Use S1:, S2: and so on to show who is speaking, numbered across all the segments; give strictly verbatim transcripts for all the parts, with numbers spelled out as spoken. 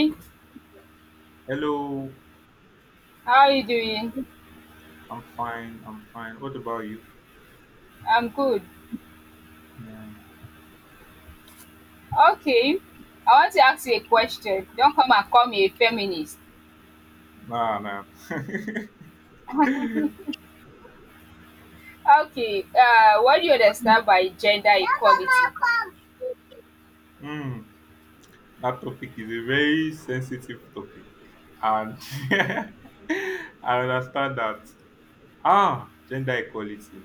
S1: Hey,
S2: Hello,
S1: how are you doing?
S2: I'm fine. I'm fine. What about you?
S1: I'm good.
S2: Yeah.
S1: Okay, I want to ask you a question. Don't come and call me a feminist.
S2: Nah, nah.
S1: Okay, uh, what do you understand by gender equality?
S2: Hmm. That topic is a very sensitive topic, and I understand that. Ah, gender equality.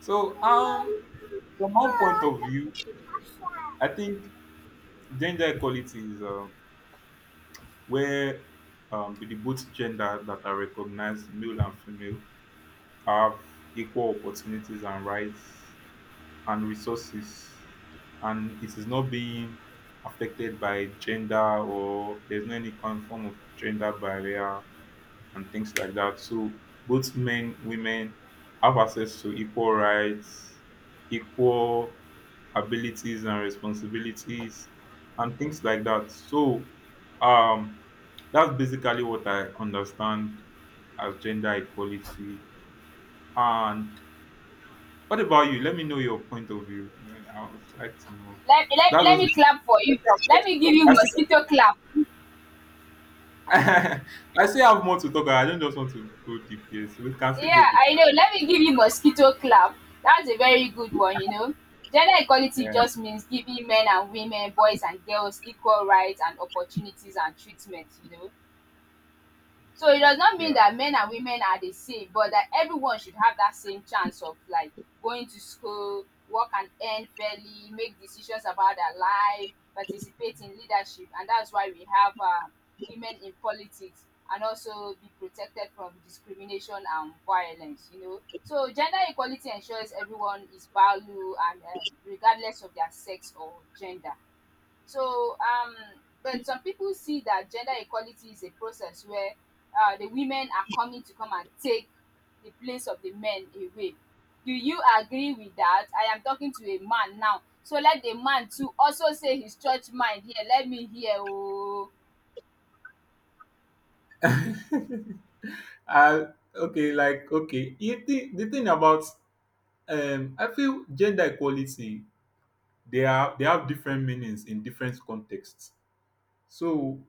S2: So, um, from one point of view, I think gender equality is uh, where um, the both gender that are recognized, male and female, have equal opportunities and rights and resources, and it is not being affected by gender, or there's no any kind form of gender barrier and things like that. So both men, women have access to equal rights, equal abilities and responsibilities and things like that. So um that's basically what I understand as gender equality. And what about you? Let me know your point of view. I would like to know.
S1: Let, let,
S2: That's
S1: let me
S2: just.
S1: clap for you.
S2: I
S1: Let me give you
S2: still,
S1: mosquito clap.
S2: I still have more to talk about. I don't just want to go deep here, so we can still go
S1: Yeah, I know.
S2: deeper.
S1: Let me give you mosquito clap. That's a very good one, you know. Gender equality just means giving men and women, boys and girls equal rights and opportunities and treatment, you know. So it does not mean
S2: Yeah,
S1: that men and women are the same, but that everyone should have that same chance of like going to school, work and earn fairly, make decisions about their life, participate in leadership, and that's why we have uh, women in politics and also be protected from discrimination and violence. You know, so gender equality ensures everyone is valued and, um, regardless of their sex or gender. So, um, but some people see that gender equality is a process where uh, the women are coming to come and take the place of the men away. Do you agree with that? I am talking to a man now. So let the man too also say his church mind here. Let me hear. Oh.
S2: yeah. uh, okay, like okay. You think the thing about um, I feel gender equality. They are they have different meanings in different contexts. So,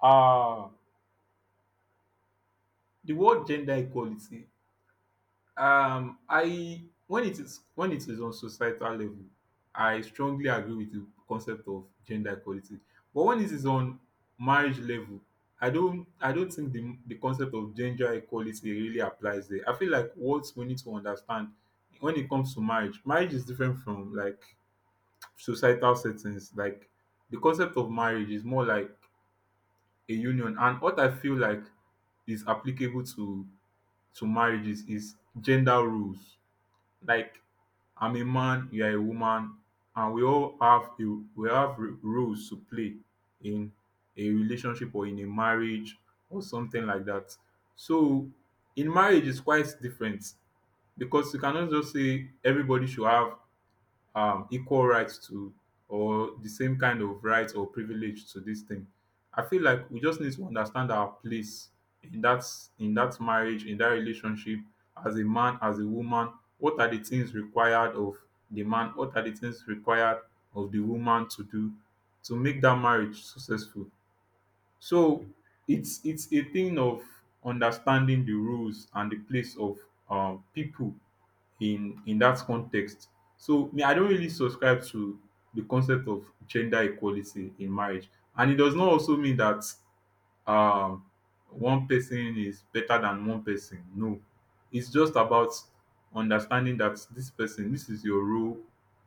S2: uh the word gender equality, Um, I when it is when it is on societal level, I strongly agree with the concept of gender equality. But when it is on marriage level, I don't I don't think the the concept of gender equality really applies there. I feel like what we need to understand when it comes to marriage, marriage is different from like societal settings. Like the concept of marriage is more like a union, and what I feel like is applicable to to marriages is gender rules, like I'm a man, you are a woman, and we all have a, we have r- roles to play in a relationship or in a marriage or something like that. So in marriage, it's quite different because you cannot just say everybody should have um, equal rights to or the same kind of rights or privilege to this thing. I feel like we just need to understand our place in that in that marriage, in that relationship, as a man, as a woman. What are the things required of the man? What are the things required of the woman to do to make that marriage successful? So it's it's a thing of understanding the rules and the place of um, people in in that context. So me, I don't really subscribe to the concept of gender equality in marriage, and it does not also mean that um, one person is better than one person. No, it's just about understanding that this person, this is your role,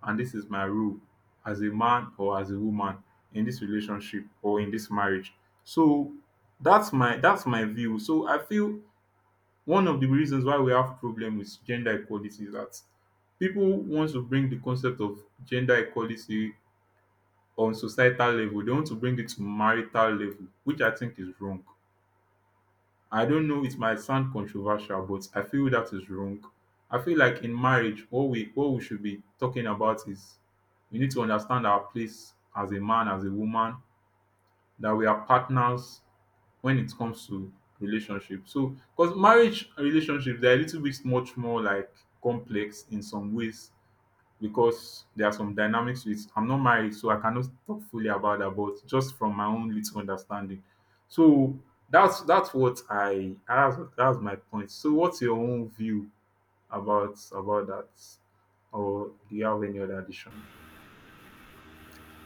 S2: and this is my role as a man or as a woman in this relationship or in this marriage. So that's my that's my view. So I feel one of the reasons why we have problem with gender equality is that people want to bring the concept of gender equality on societal level. They want to bring it to marital level, which I think is wrong. I don't know, it might sound controversial, but I feel that is wrong. I feel like in marriage, what we what we should be talking about is we need to understand our place as a man, as a woman, that we are partners when it comes to relationship. So, because marriage and relationship they are a little bit much more like complex in some ways because there are some dynamics with I'm not married, so I cannot talk fully about that, but just from my own little understanding. So that's that's what I that's that's my point. So what's your own view about about that? Or do you have any other addition?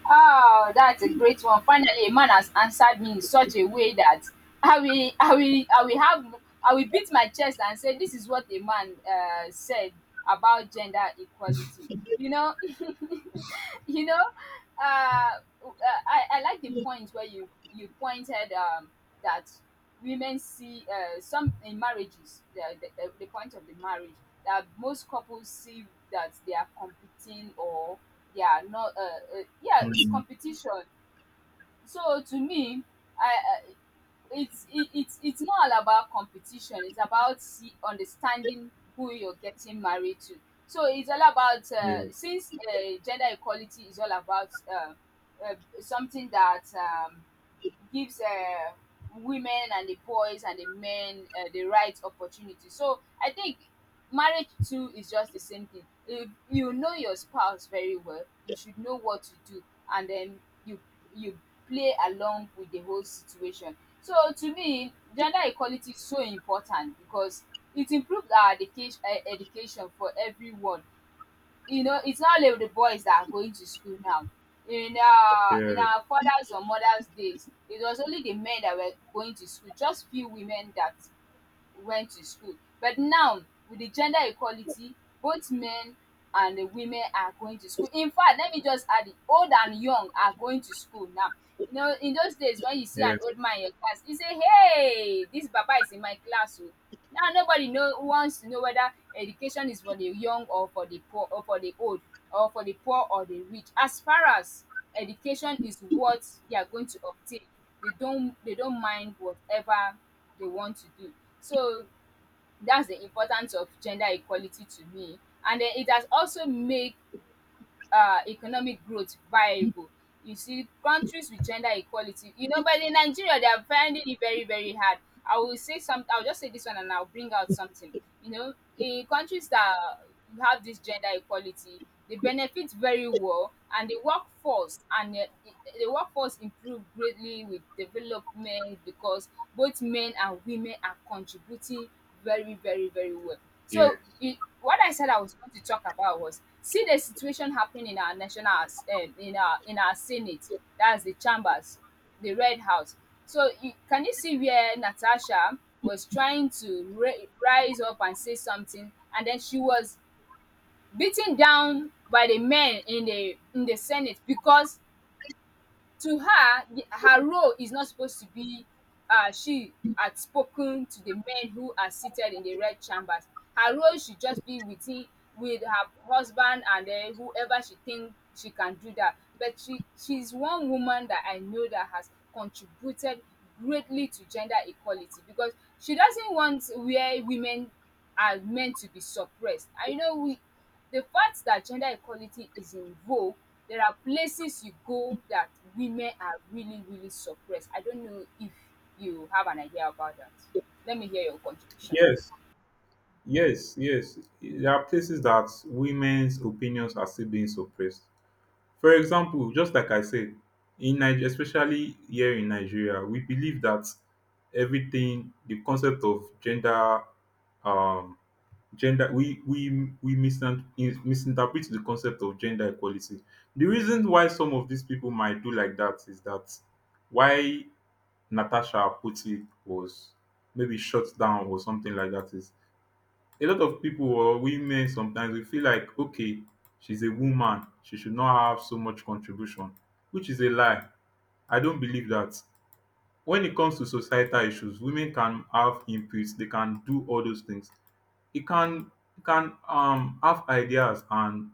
S1: Oh, that's a great one. Finally, a man has answered me in such a way that I will, I will, I will have, I will beat my chest and say, "This is what a man uh, said about gender equality." You know, you know, uh, uh, I, I like the point where you you pointed, um, that women see, uh, some in marriages, the, the, the the point of the marriage that most couples see, that they are competing or they are not, uh, uh, yeah, it's
S2: Mm.
S1: competition. So to me, i i it's it, it's it's not all about competition, it's about, see, understanding who you're getting married to. So it's all about, uh,
S2: Yeah,
S1: since, uh, gender equality is all about, uh, uh, something that, um, gives, uh, women and the boys and the men, uh, the right opportunity. So I think marriage too is just the same thing. If you know your spouse very well, you should know what to do, and then you you play along with the whole situation. So to me, gender equality is so important because it improved our education uh, education for everyone you know, It's not only the boys that are going to school now. In our in
S2: yeah,
S1: our fathers or mothers days, it was only the men that were going to school, just few women that went to school. But now, with the gender equality, both men and the women are going to school. In fact, let me just add it, old and young are going to school now. You know, in those days, when you see an
S2: yes,
S1: old man in your class, you say, "Hey, this papa is in my class." Oh. Now nobody know wants to know whether education is for the young or for the poor or for the old or for the poor or the rich. As far as education is what they are going to obtain, they don't they don't mind whatever they want to do. So that's the importance of gender equality to me. And then it has also made, uh, economic growth viable. You see, countries with gender equality, you know, but in Nigeria, they are finding it very, very hard. I will say something, I'll just say this one and I'll bring out something. You know, in countries that have this gender equality, they benefit very well, and the workforce and the, the workforce improve greatly with development because both men and women are contributing very, very, very well.
S2: yeah,
S1: So, it, what I said I was going to talk about was, see the situation happening in our national as- eh, in our in our senate. That's the chambers, the red house. So, you, can you see where Natasha was trying to ra- rise up and say something, and then she was beaten down by the men in the in the senate, because to her, the, her role is not supposed to be, uh, she had spoken to the men who are seated in the red chambers. Her role should just be within, with her husband, and then whoever she think she can do that. But she she's one woman that I know that has contributed greatly to gender equality, because she doesn't want where women are meant to be suppressed. I know, we the fact that gender equality is in vogue, there are places you go that women are really, really suppressed. I don't know if you have an idea about that. Let me hear your contribution.
S2: yes. Yes, yes. There are places that women's opinions are still being suppressed. For example, just like I said, in Nigeria, especially here in Nigeria, we believe that everything, the concept of gender, um, gender, we we we misin- misinterpret the concept of gender equality. The reason why some of these people might do like that is that why Natasha Putti was maybe shut down or something like that is a lot of people or women, sometimes we feel like, okay, she's a woman, she should not have so much contribution, which is a lie. I don't believe that. When it comes to societal issues, women can have inputs, they can do all those things. It can it can um have ideas, and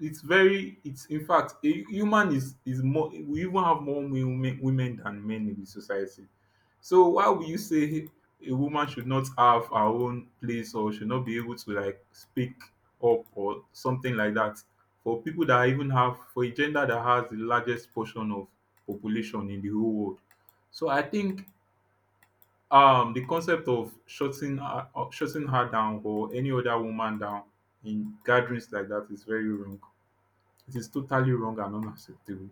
S2: it's very, it's in fact, a human is is more, we even have more women women than men in the society. So why would you say a woman should not have her own place or should not be able to like speak up or something like that, for people that even have, for a gender that has the largest portion of population in the whole world. So I think um the concept of shutting her, uh, shutting her down or any other woman down in gatherings like that is very wrong. It is totally wrong and unacceptable.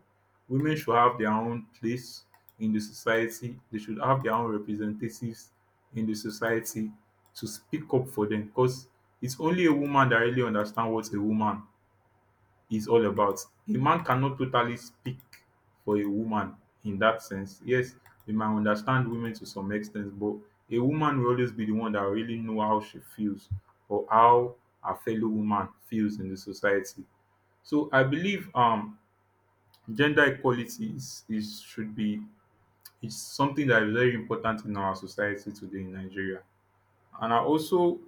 S2: Women should have their own place in the society. They should have their own representatives in the society to speak up for them, because it's only a woman that really understands what a woman is all about. A man cannot totally speak for a woman in that sense. Yes, we might understand women to some extent, but a woman will always be the one that really know how she feels or how her fellow woman feels in the society. So I believe um gender equality is is should be is something that is very important in our society today in Nigeria. And I also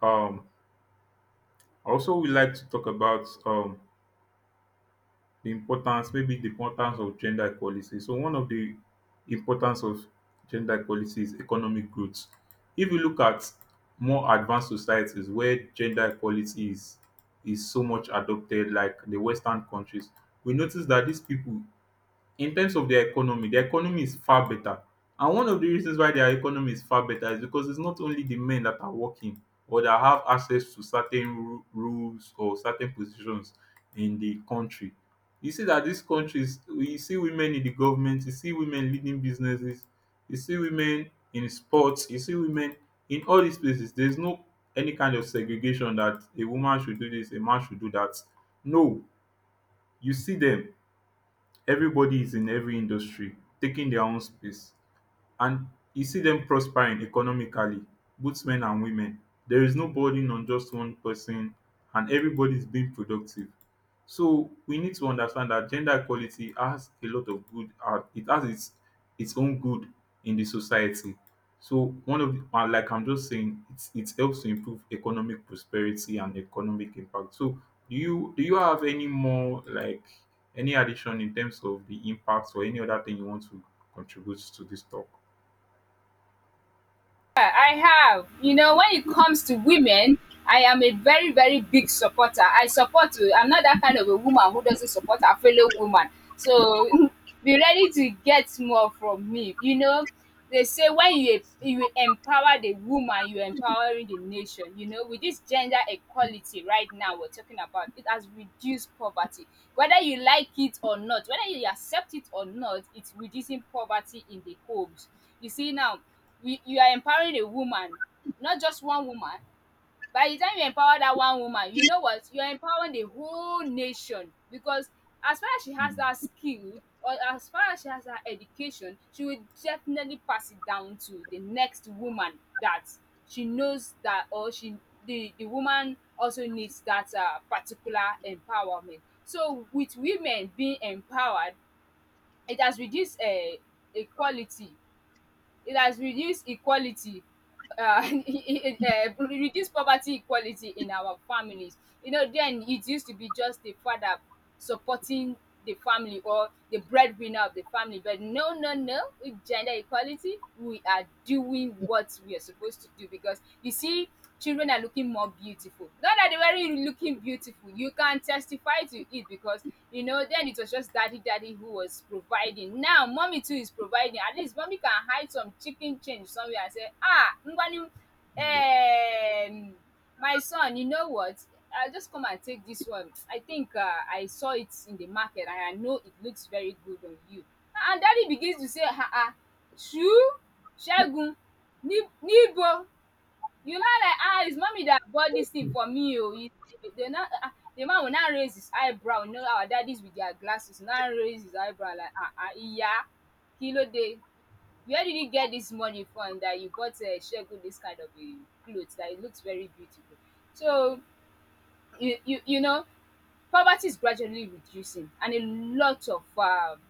S2: um I also would like to talk about um the importance, maybe the importance of gender equality. So one of the importance of gender equality is economic growth. If you look at more advanced societies where gender equality is is so much adopted, like the Western countries, we notice that these people in terms of their economy, their economy is far better. And one of the reasons why their economy is far better is because it's not only the men that are working or that have access to certain ru- rules or certain positions in the country. You see that these countries, you see women in the government, you see women leading businesses, you see women in sports, you see women in all these places. There's no any kind of segregation that a woman should do this, a man should do that. No, you see them. Everybody is in every industry, taking their own space, and you see them prospering economically, both men and women. There is no burden on just one person, and everybody is being productive. So we need to understand that gender equality has a lot of good, uh, it has its its own good in the society. So one of the, uh, like I'm just saying it, it helps to improve economic prosperity and economic impact. So do you do you have any more like any addition in terms of the impacts or any other thing you want to contribute to this talk?
S1: Yeah, I have. You know, when it comes to women, I am a very, very big supporter. I support. uh, I'm not that kind of a woman who doesn't support her fellow woman. So be ready to get more from me. You know, they say when you you empower the woman, you are empowering the nation. You know, with this gender equality right now we're talking about, it has reduced poverty. Whether you like it or not, whether you accept it or not, it's reducing poverty in the homes. You see now, we, you are empowering a woman, not just one woman. By the time you empower that one woman, you know what? You're empowering the whole nation, because as far as she has that skill, or as far as she has her education, she will definitely pass it down to the next woman that she knows that, or she the, the woman also needs that, uh, particular empowerment. So with women being empowered, it has reduced, uh, equality, it has reduced equality uh, it, uh, reduce poverty equality in our families. You know, then, it used to be just the father supporting the family, or the breadwinner of the family. But no, no, no, with gender equality, we are doing what we are supposed to do, because you see, children are looking more beautiful. Not that they were really looking beautiful, you can testify to it, because you know, then it was just daddy, daddy who was providing. Now mommy too is providing. At least mommy can hide some chicken change somewhere and say, "Ah, Ngwanu, um, my son, you know what? I'll just come and take this one. I think, uh, I saw it in the market and I know it looks very good on you." And daddy begins to say, "Ah, ah, true? Segun, Ni- Nibo?" You know like, ah, it's mommy that bought this thing for me, oh. You dey not, ah ah, the man will not raise his eyebrow, you know our daddies, with their glasses, now raise his eyebrow like, ah ah, yeah, kilo day. "Where did you get this money from that you bought, um Segun, this kind of a clothes that it looks very beautiful?" So you you you know, poverty is gradually reducing, and a lot of, um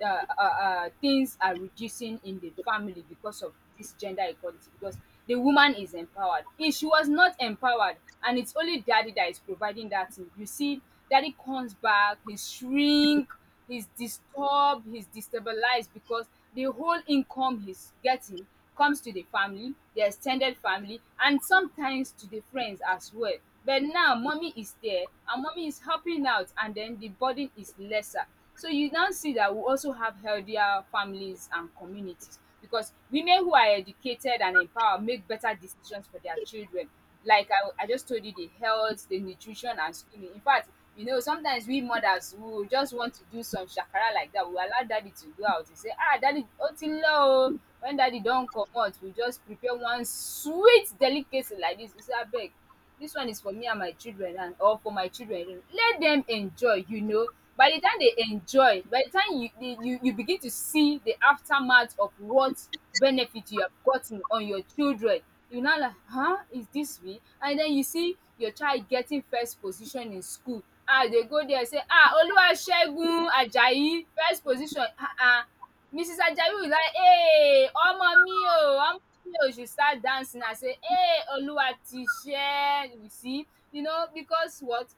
S1: uh, uh, uh, things are reducing in the family, because of this gender equality, because the woman is empowered. If she was not empowered, and it's only daddy that is providing that thing, you see, daddy comes back, he's shrink, he's disturbed, he's destabilized, because the whole income he's getting comes to the family, the extended family, and sometimes to the friends as well. But now mommy is there, and mommy is helping out, and then the burden is lesser. So you now see that we also have healthier families and communities, because women who are educated and empowered make better decisions for their children. Like I, I just told you, the health, the nutrition, and schooling. In fact, you know, sometimes we mothers who just want to do some shakara like that, we allow daddy to go out and say, "Ah, daddy, otilo." When daddy don't come out, we just prepare one sweet delicacy like this. We say, "I beg, dis one is for me and my children, and or for my children, let dem enjoy." You know by the time they enjoy, by the time you you you begin to see the aftermath of what benefit you have gotten on your children, you now like, um is dis real? And then you see your child getting first position in school, um you dey go there, say, um "Oluwasegun Ajayi, first position," um Missus Ajayi is like, "Hey, ọmọ mi o, ọmọ mi o," she start dancing, I say, "Hey, Oluwatisẹ," you see, you know, because what?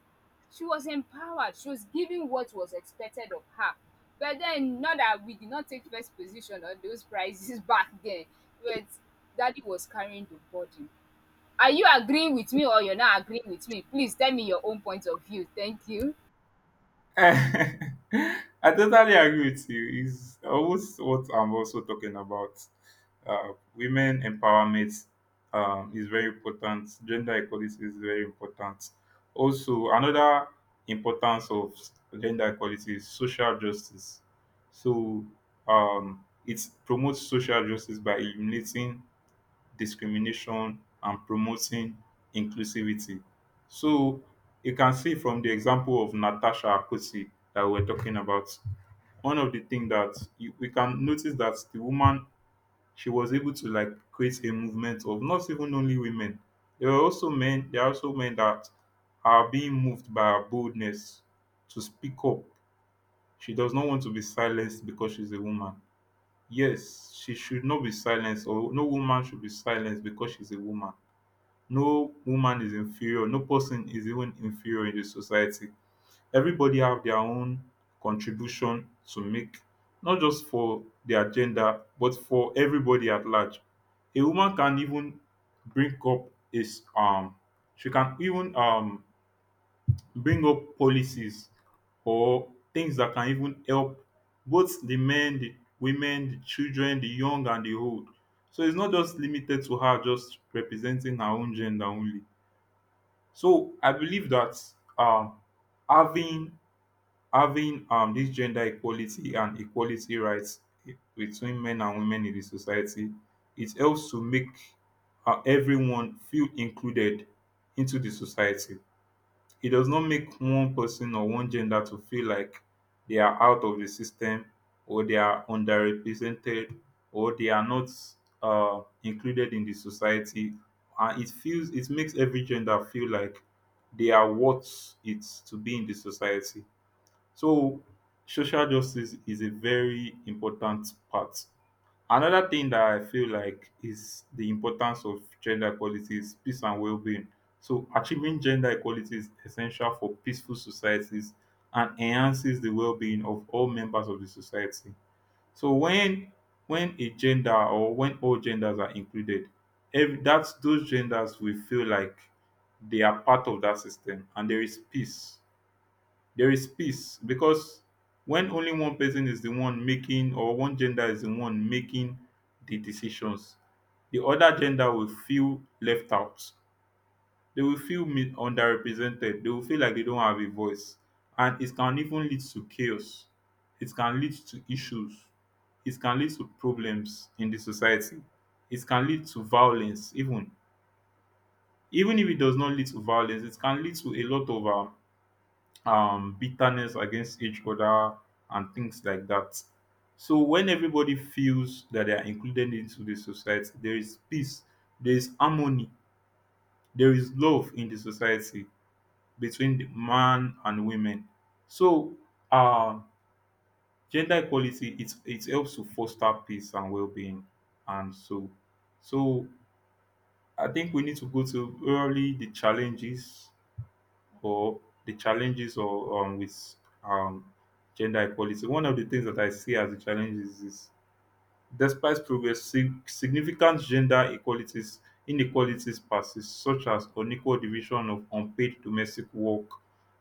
S1: She was empowered. She was given what was expected of her. But then, not that we did not take first position on those prizes back then, but Daddy was carrying the burden. Are you agreeing with me or you're not agreeing with me? Please tell me your own point of view. Thank you.
S2: I totally agree with you. It's almost what I'm also talking about. Uh, women empowerment um, is very important. Gender equality is very important. Also, another importance of gender equality is social justice. So, um, it promotes social justice by eliminating discrimination and promoting inclusivity. So you can see from the example of Natasha Akossi that we're talking about, one of the things that you, we can notice that the woman, she was able to like create a movement of not even only women. There were also men. There are also men that are being moved by her boldness to speak up. She does not want to be silenced because she's a woman. Yes, she should not be silenced, or no woman should be silenced because she's a woman. No woman is inferior, no person is even inferior in the society. Everybody have their own contribution to make, not just for their gender but for everybody at large. A woman can even bring up is um she can even um bring up policies or things that can even help both the men, the women, the children, the young and the old. So it's not just limited to her just representing her own gender only. So I believe that um, having having um, this gender equality and equality rights between men and women in the society, it helps to make uh, everyone feel included into the society. It does not make one person or one gender to feel like they are out of the system, or they are underrepresented, or they are not uh, included in the society. And it feels it makes every gender feel like they are worth it to be in the society. So social justice is a very important part. Another thing that I feel like is the importance of gender equality is peace and well being. So, achieving gender equality is essential for peaceful societies and enhances the well being of all members of the society. So, when when a gender or when all genders are included, every, that's those genders will feel like they are part of that system and there is peace, there is peace because when only one person is the one making or one gender is the one making the decisions, the other gender will feel left out. They will feel mi- underrepresented. They will feel like they don't have a voice. And it can even lead to chaos. It can lead to issues. It can lead to problems in the society. It can lead to violence, even. Even if it does not lead to violence, it can lead to a lot of um, um, bitterness against each other, and things like that. So when everybody feels that they are included into the society, there is peace, there is harmony, there is love in the society between the man and women. So uh, Gender equality it it helps to foster peace and well-being, and so so I think we need to go to early the challenges, or the challenges, or um, with um, gender equality. One of the things that I see as the challenges is, despite progress, sig- significant gender equalities inequalities persist, such as unequal division of unpaid domestic work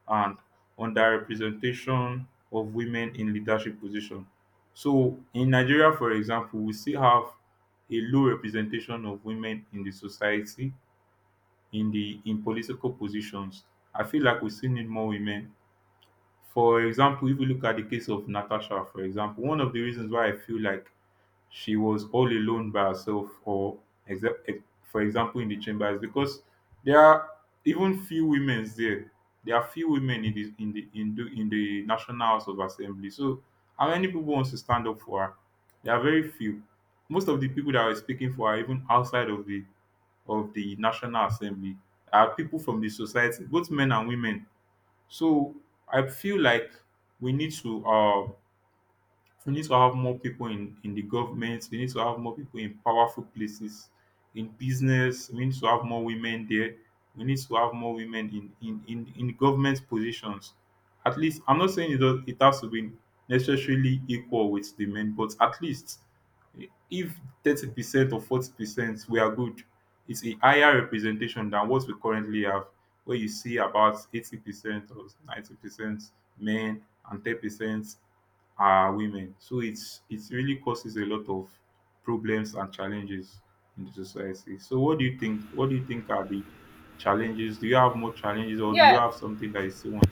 S2: and underrepresentation of women in leadership positions. So, in Nigeria, for example, we still have a low representation of women in the society, in the in political positions. I feel like we still need more women. For example, if we look at the case of Natasha, for example, one of the reasons why I feel like she was all alone by herself, or except, for example, in the chamber, is because there are even few women there. There are few women in the in the in the, in the National House of Assembly. So, how many people wants to stand up for her? There are very few. Most of the people that were speaking for her, even outside of the of the National Assembly are people from the society, both men and women. So I feel like we need to um so we need to have more people in, in the government. We need to have more people in powerful places, in business. We need to have more women there. We need to have more women in, in, in, in government positions. At least, I'm not saying it, does, it has to be necessarily equal with the men, but at least if thirty percent or forty percent we are good, it's a higher representation than what we currently have, where you see about eighty percent or ninety percent men and ten percent are women. So it's it really causes a lot of problems and challenges in the society. So what do you think? What do you think are the challenges? Do you have more challenges, or do you
S1: Yeah.
S2: have something that is so much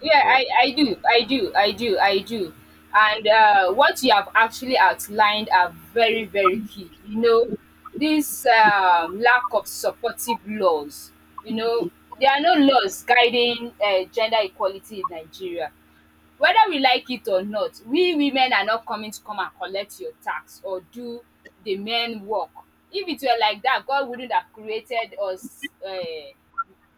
S1: Yeah,
S2: about
S1: I,
S2: it?
S1: I do, I do, I do, I do. And uh, what you have actually outlined are very, very key. You know, this um, lack of supportive laws, you know, there are no laws guiding uh, gender equality in Nigeria. Whether we like it or not, we women are not coming to come and collect your tax or do the men work. If it were like that, God wouldn't have created us. Uh,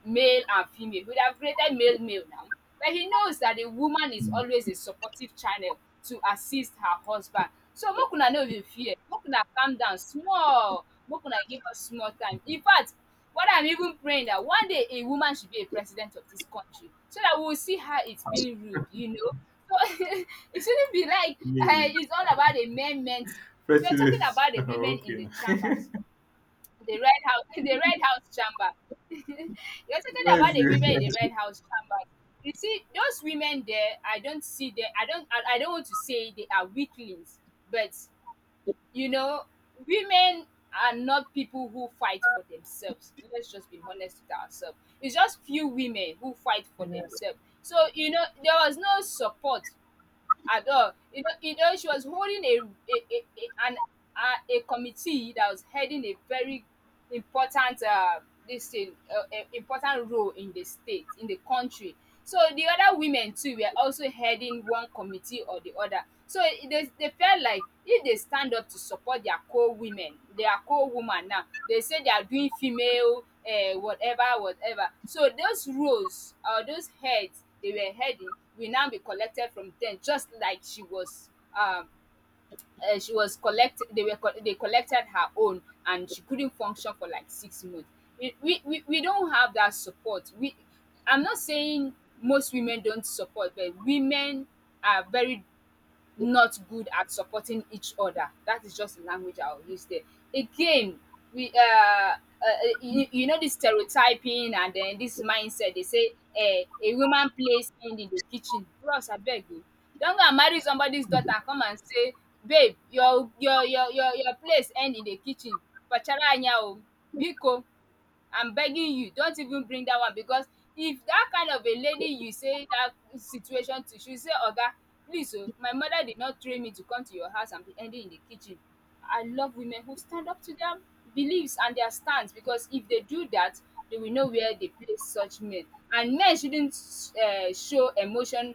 S1: male and female. He would have created male male now. But he knows that the woman is
S2: Mm.
S1: always a supportive channel to assist her husband. So make una no dey fear, make una calm down small, make una give us small time. In fact, what I'm even praying that one day a woman should be a president of this country so that we will see how it's being ruled, you know. So it shouldn't be like uh,
S2: Yeah.
S1: it's all about the men men. You're talking
S2: President.
S1: about the women in
S2: Okay.
S1: the chambers. The Red House the Red House chamber. You're talking
S2: Nice.
S1: about the women in the Red House chamber. You see, those women there, I don't see them. I don't. I, I don't want to say they are weaklings, but you know, women are not people who fight for themselves. Let's just be honest with ourselves. It's just few women who fight for themselves. So you know, there was no support at all. You know, you know she was holding a a a, a an a, a committee that was heading a very important uh, this thing, uh, a- important role in the state, in the country. So the other women too were also heading one committee or the other. So it- they, they felt like if they stand up to support their co-women, their co-woman now, they say they are doing female uh, whatever, whatever. So those roles or those heads they were heading will now be collected from them just like she was um uh, she was collect they were co- they collected her own and she couldn't function for like six months we we, we we don't have that support we I'm not saying most women don't support but women are very not good at supporting each other. That is just the language I'll use there. Again, we uh, uh you, you know this stereotyping and then this mindset they say uh, a woman plays hand in the kitchen. Bros, I beg you, don't go and marry somebody's daughter and come and say, babe, your your your your, your place end in the kitchen. Pachara anya o, biko. I'm begging you, don't even bring that one because if that kind of a lady you say that situation to, she say, Oga, please oh, my mother did not train me to come to your house and be ending in the kitchen. I love women who stand up to their beliefs and their stance because if they do that, they will know where they place such men. And men shouldn't uh, show emotion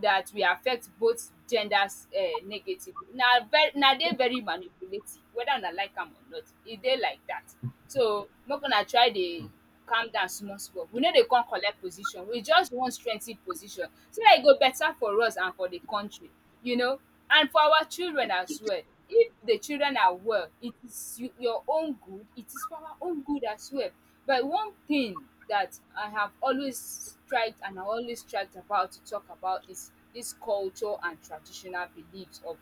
S1: that will affect both genders um negatively. Na very na dey very manipulative whether una like am or not, e dey like dat. So make una try dey calm down small small. We no dey come collect position, we just wan strengthen position so dat e go beta for us and for the country, you know. And for our children as well. If the children are well, it is you your own good, it is for our own good as well. But one thing that I have always tried and I always tried about to talk about is this culture and traditional beliefs of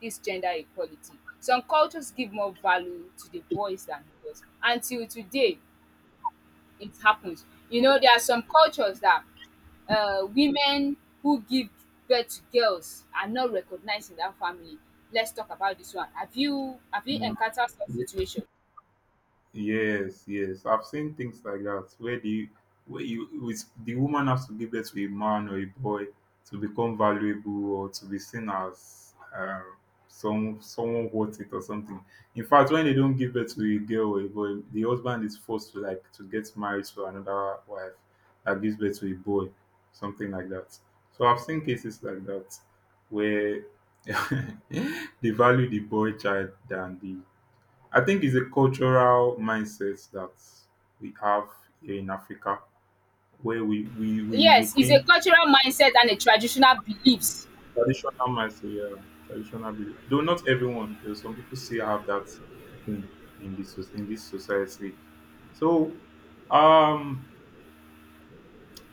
S1: this gender equality. Some cultures give more value to the boys than girls. Until today, it happens. You know, there are some cultures that uh, women who give birth to girls are not recognized in that family. Let's talk about this one. Have you have you
S2: Mm.
S1: encountered such situation?
S2: Yes, yes. I've seen things like that where the where you with the woman has to give birth to a man or a boy to become valuable or to be seen as um, some someone worth it or something. In fact, when they don't give birth to a girl or a boy, the husband is forced to like to get married to another wife that gives birth to a boy, something like that. So I've seen cases like that where they value the boy child than the, I think it's a cultural mindset that we have here in Africa where we, we, we, we
S1: Yes, it's
S2: think
S1: a cultural mindset and a traditional beliefs.
S2: traditional mindset, yeah, traditional belief. Though not everyone, there's some people still have that thing in this soc- in this society. So um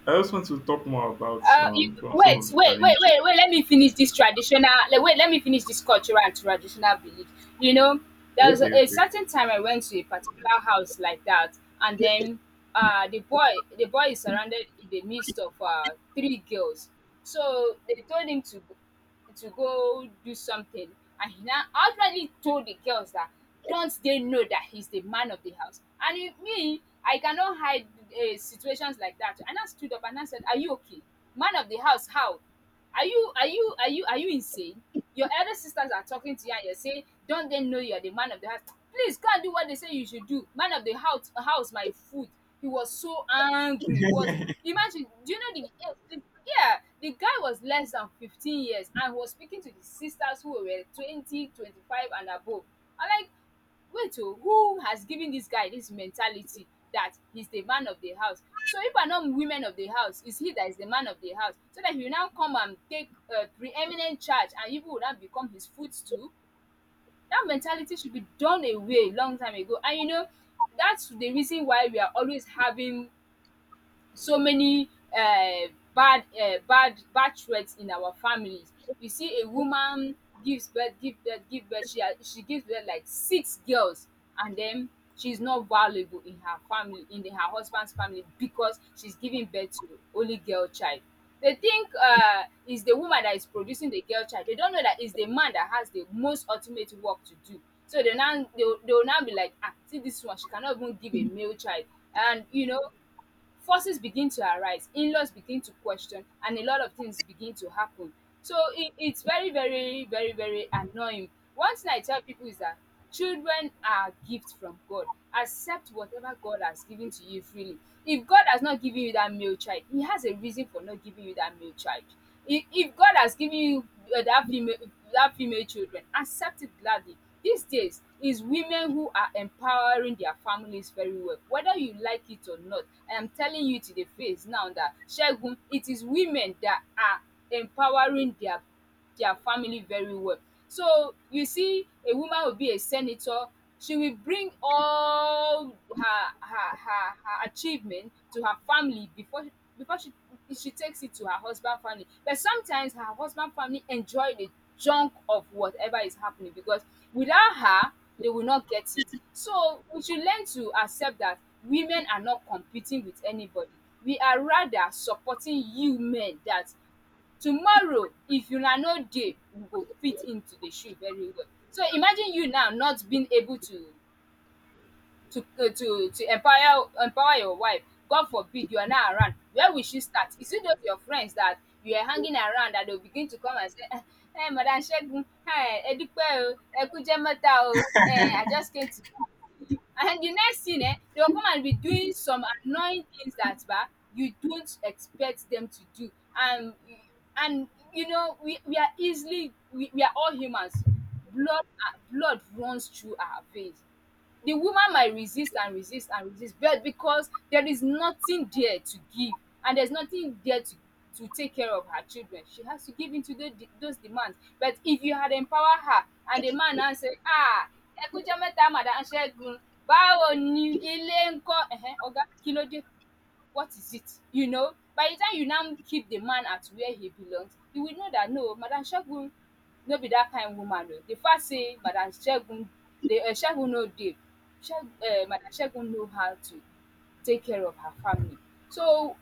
S2: I just want to talk more about
S1: Uh, you,
S2: um, some some
S1: wait,
S2: of the
S1: wait, wait,
S2: challenges.
S1: wait, wait. Let me finish this traditional. le- Wait, let me finish this cultural and traditional belief. You know, there was a,
S2: Okay,
S1: a
S2: okay.
S1: certain time I went to a particular house like that, and then uh, the boy, the boy is surrounded in the midst of uh, three girls. So they told him to go. To go do something. And he now outrightly told the girls that don't they know that he's the man of the house? And if me, I cannot hide uh, situations like that. And I stood up and I said, are you okay? Man of the house, how? Are you are you are you are you insane? Your elder sisters are talking to you and you're saying, don't they know you're the man of the house? Please go and do what they say you should do. Man of the house house, my food. He was so angry. He was imagine. Do you know the, eh, the yeah the guy was less than fifteen years and he was speaking to the sisters who were twenty, twenty-five, and above. I'm like, wait oh who has given this guy this mentality that he's the man of the house so if are not women of the house it's he that is the man of the house so that he will now come and take uh, preeminent charge and people will now become his footstool, that mentality should be done away long time ago. And you know, that's the reason why we are always having so many um bad um bad bad threat in our families. You see a woman gives birth give birth give birth she has she gives birth like six girls and then she is not valuable in her family in her husband's family because she's giving birth to only girl child. They think um it's the woman that is producing the girl child, they don't know that it's the man that has the most ultimate work to do. So they now they will they will now be like ah see this one she cannot even give a male child and you know forces begin to arise, in-laws begin to question, and a lot of things begin to happen. So it, it's very, very, very, very annoying. One thing I tell people is that children are a gift from God. Accept whatever God has given to you freely. If God has not given you that male child, He has a reason for not giving you that male child. If if God has given you uh, that female that female children, accept it gladly. These days is women who are empowering their families very well, whether you like it or not. I am telling you to the face now that Segun, it is women that are empowering their their family very well. So you see, a woman will be a senator. She will bring all her her her, her achievement to her family before before she she takes it to her husband family. But sometimes her husband family enjoy the junk of whatever is happening because without her, they will not get it. So we should learn to accept that women are not competing with anybody. We are rather supporting you men that tomorrow if una no dey you go fit into the shoe very well, so imagine you now not being able to to uh, to to empower empower your wife. God forbid you are not around. Where will she start? Is it those your friends that you are hanging around that they'll begin to come and say, "Ah, hey, Madam Shegun, hi, Edupe, oh, Ekujemeta, o, eh, I just came to come see you." And the next thing, eh, they'll come and be doing some annoying things that bah, you don't expect them to do. And and you know, we, we are easily we, we are all humans. Blood ah, blood runs through our veins, the woman might resist and resist and resist but because there is nothing there to give and there's nothing there to to take care of her children she has to give into those those demands. But if you had empower her and the man now say ah ẹ mẹta madam ṣẹgun báwo ni ilé ń kọ Ẹhẹn, ọgá kí ló dé what is it? You know, by the time you now keep the man at where he belongs, you will know that no, Madam Segun no be that kind woman o. The fact say Madam Segun dey um Segun no dey, Seg um Madam Segun know how to take care of her family. So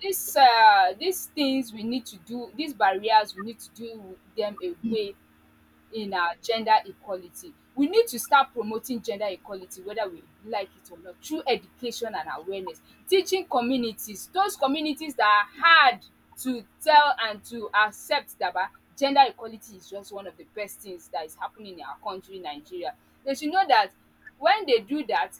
S1: dis um dis things we need to do, dis barriers we need to do dem away in our gender equality. We need to start promoting gender equality whether we like it or not through education and awareness. Teaching communities, those communities that are hard to tell and to accept that ba, gender equality is just one of the best things that is happening in our country Nigeria. They should know that when they do that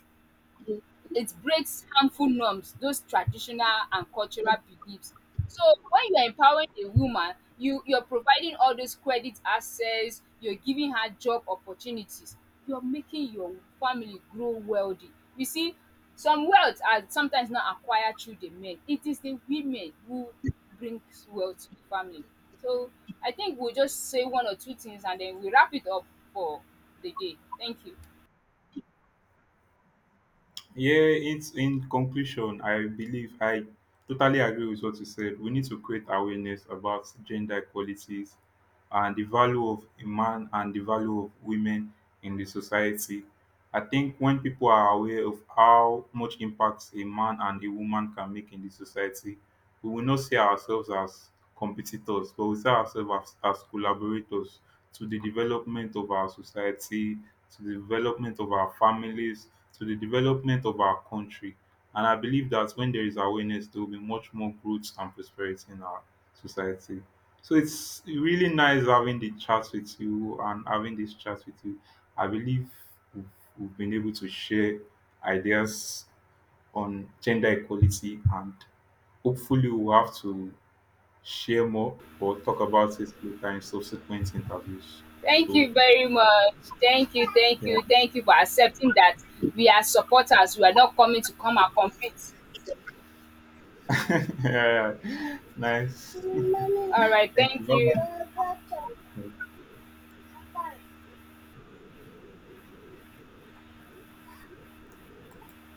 S1: it breaks harmful norms, those traditional and cultural beliefs. So when you are empowering a woman, you you're providing all those credit access, you're giving her job opportunities, you're making your family grow wealthy. You see, some wealth are sometimes not acquired through the men. It is the women who brings wealth to the family. So I think we'll just say one or two things and then we wrap it up for the day. Thank you.
S2: Yeah, it's in conclusion, I believe I totally agree with what you said. We need to create awareness about gender equalities and the value of a man and the value of women in the society. I think when people are aware of how much impact a man and a woman can make in the society, we will not see ourselves as competitors, but we see ourselves as, as collaborators to the development of our society, to the development of our families, to the development of our country. And I believe that when there is awareness, there will be much more growth and prosperity in our society. So it's really nice having the chat with you and having this chat with you. I believe we've, we've been able to share ideas on gender equality, and hopefully we'll have to share more or talk about it later in subsequent interviews.
S1: Thank
S2: So
S1: you very much. Thank you, thank
S2: yeah,
S1: you, thank you for accepting that we are supporters. We are not coming to come and compete.
S2: yeah, yeah. Nice.
S1: All right,
S2: Thank you.
S1: thank you.
S2: Bye bye.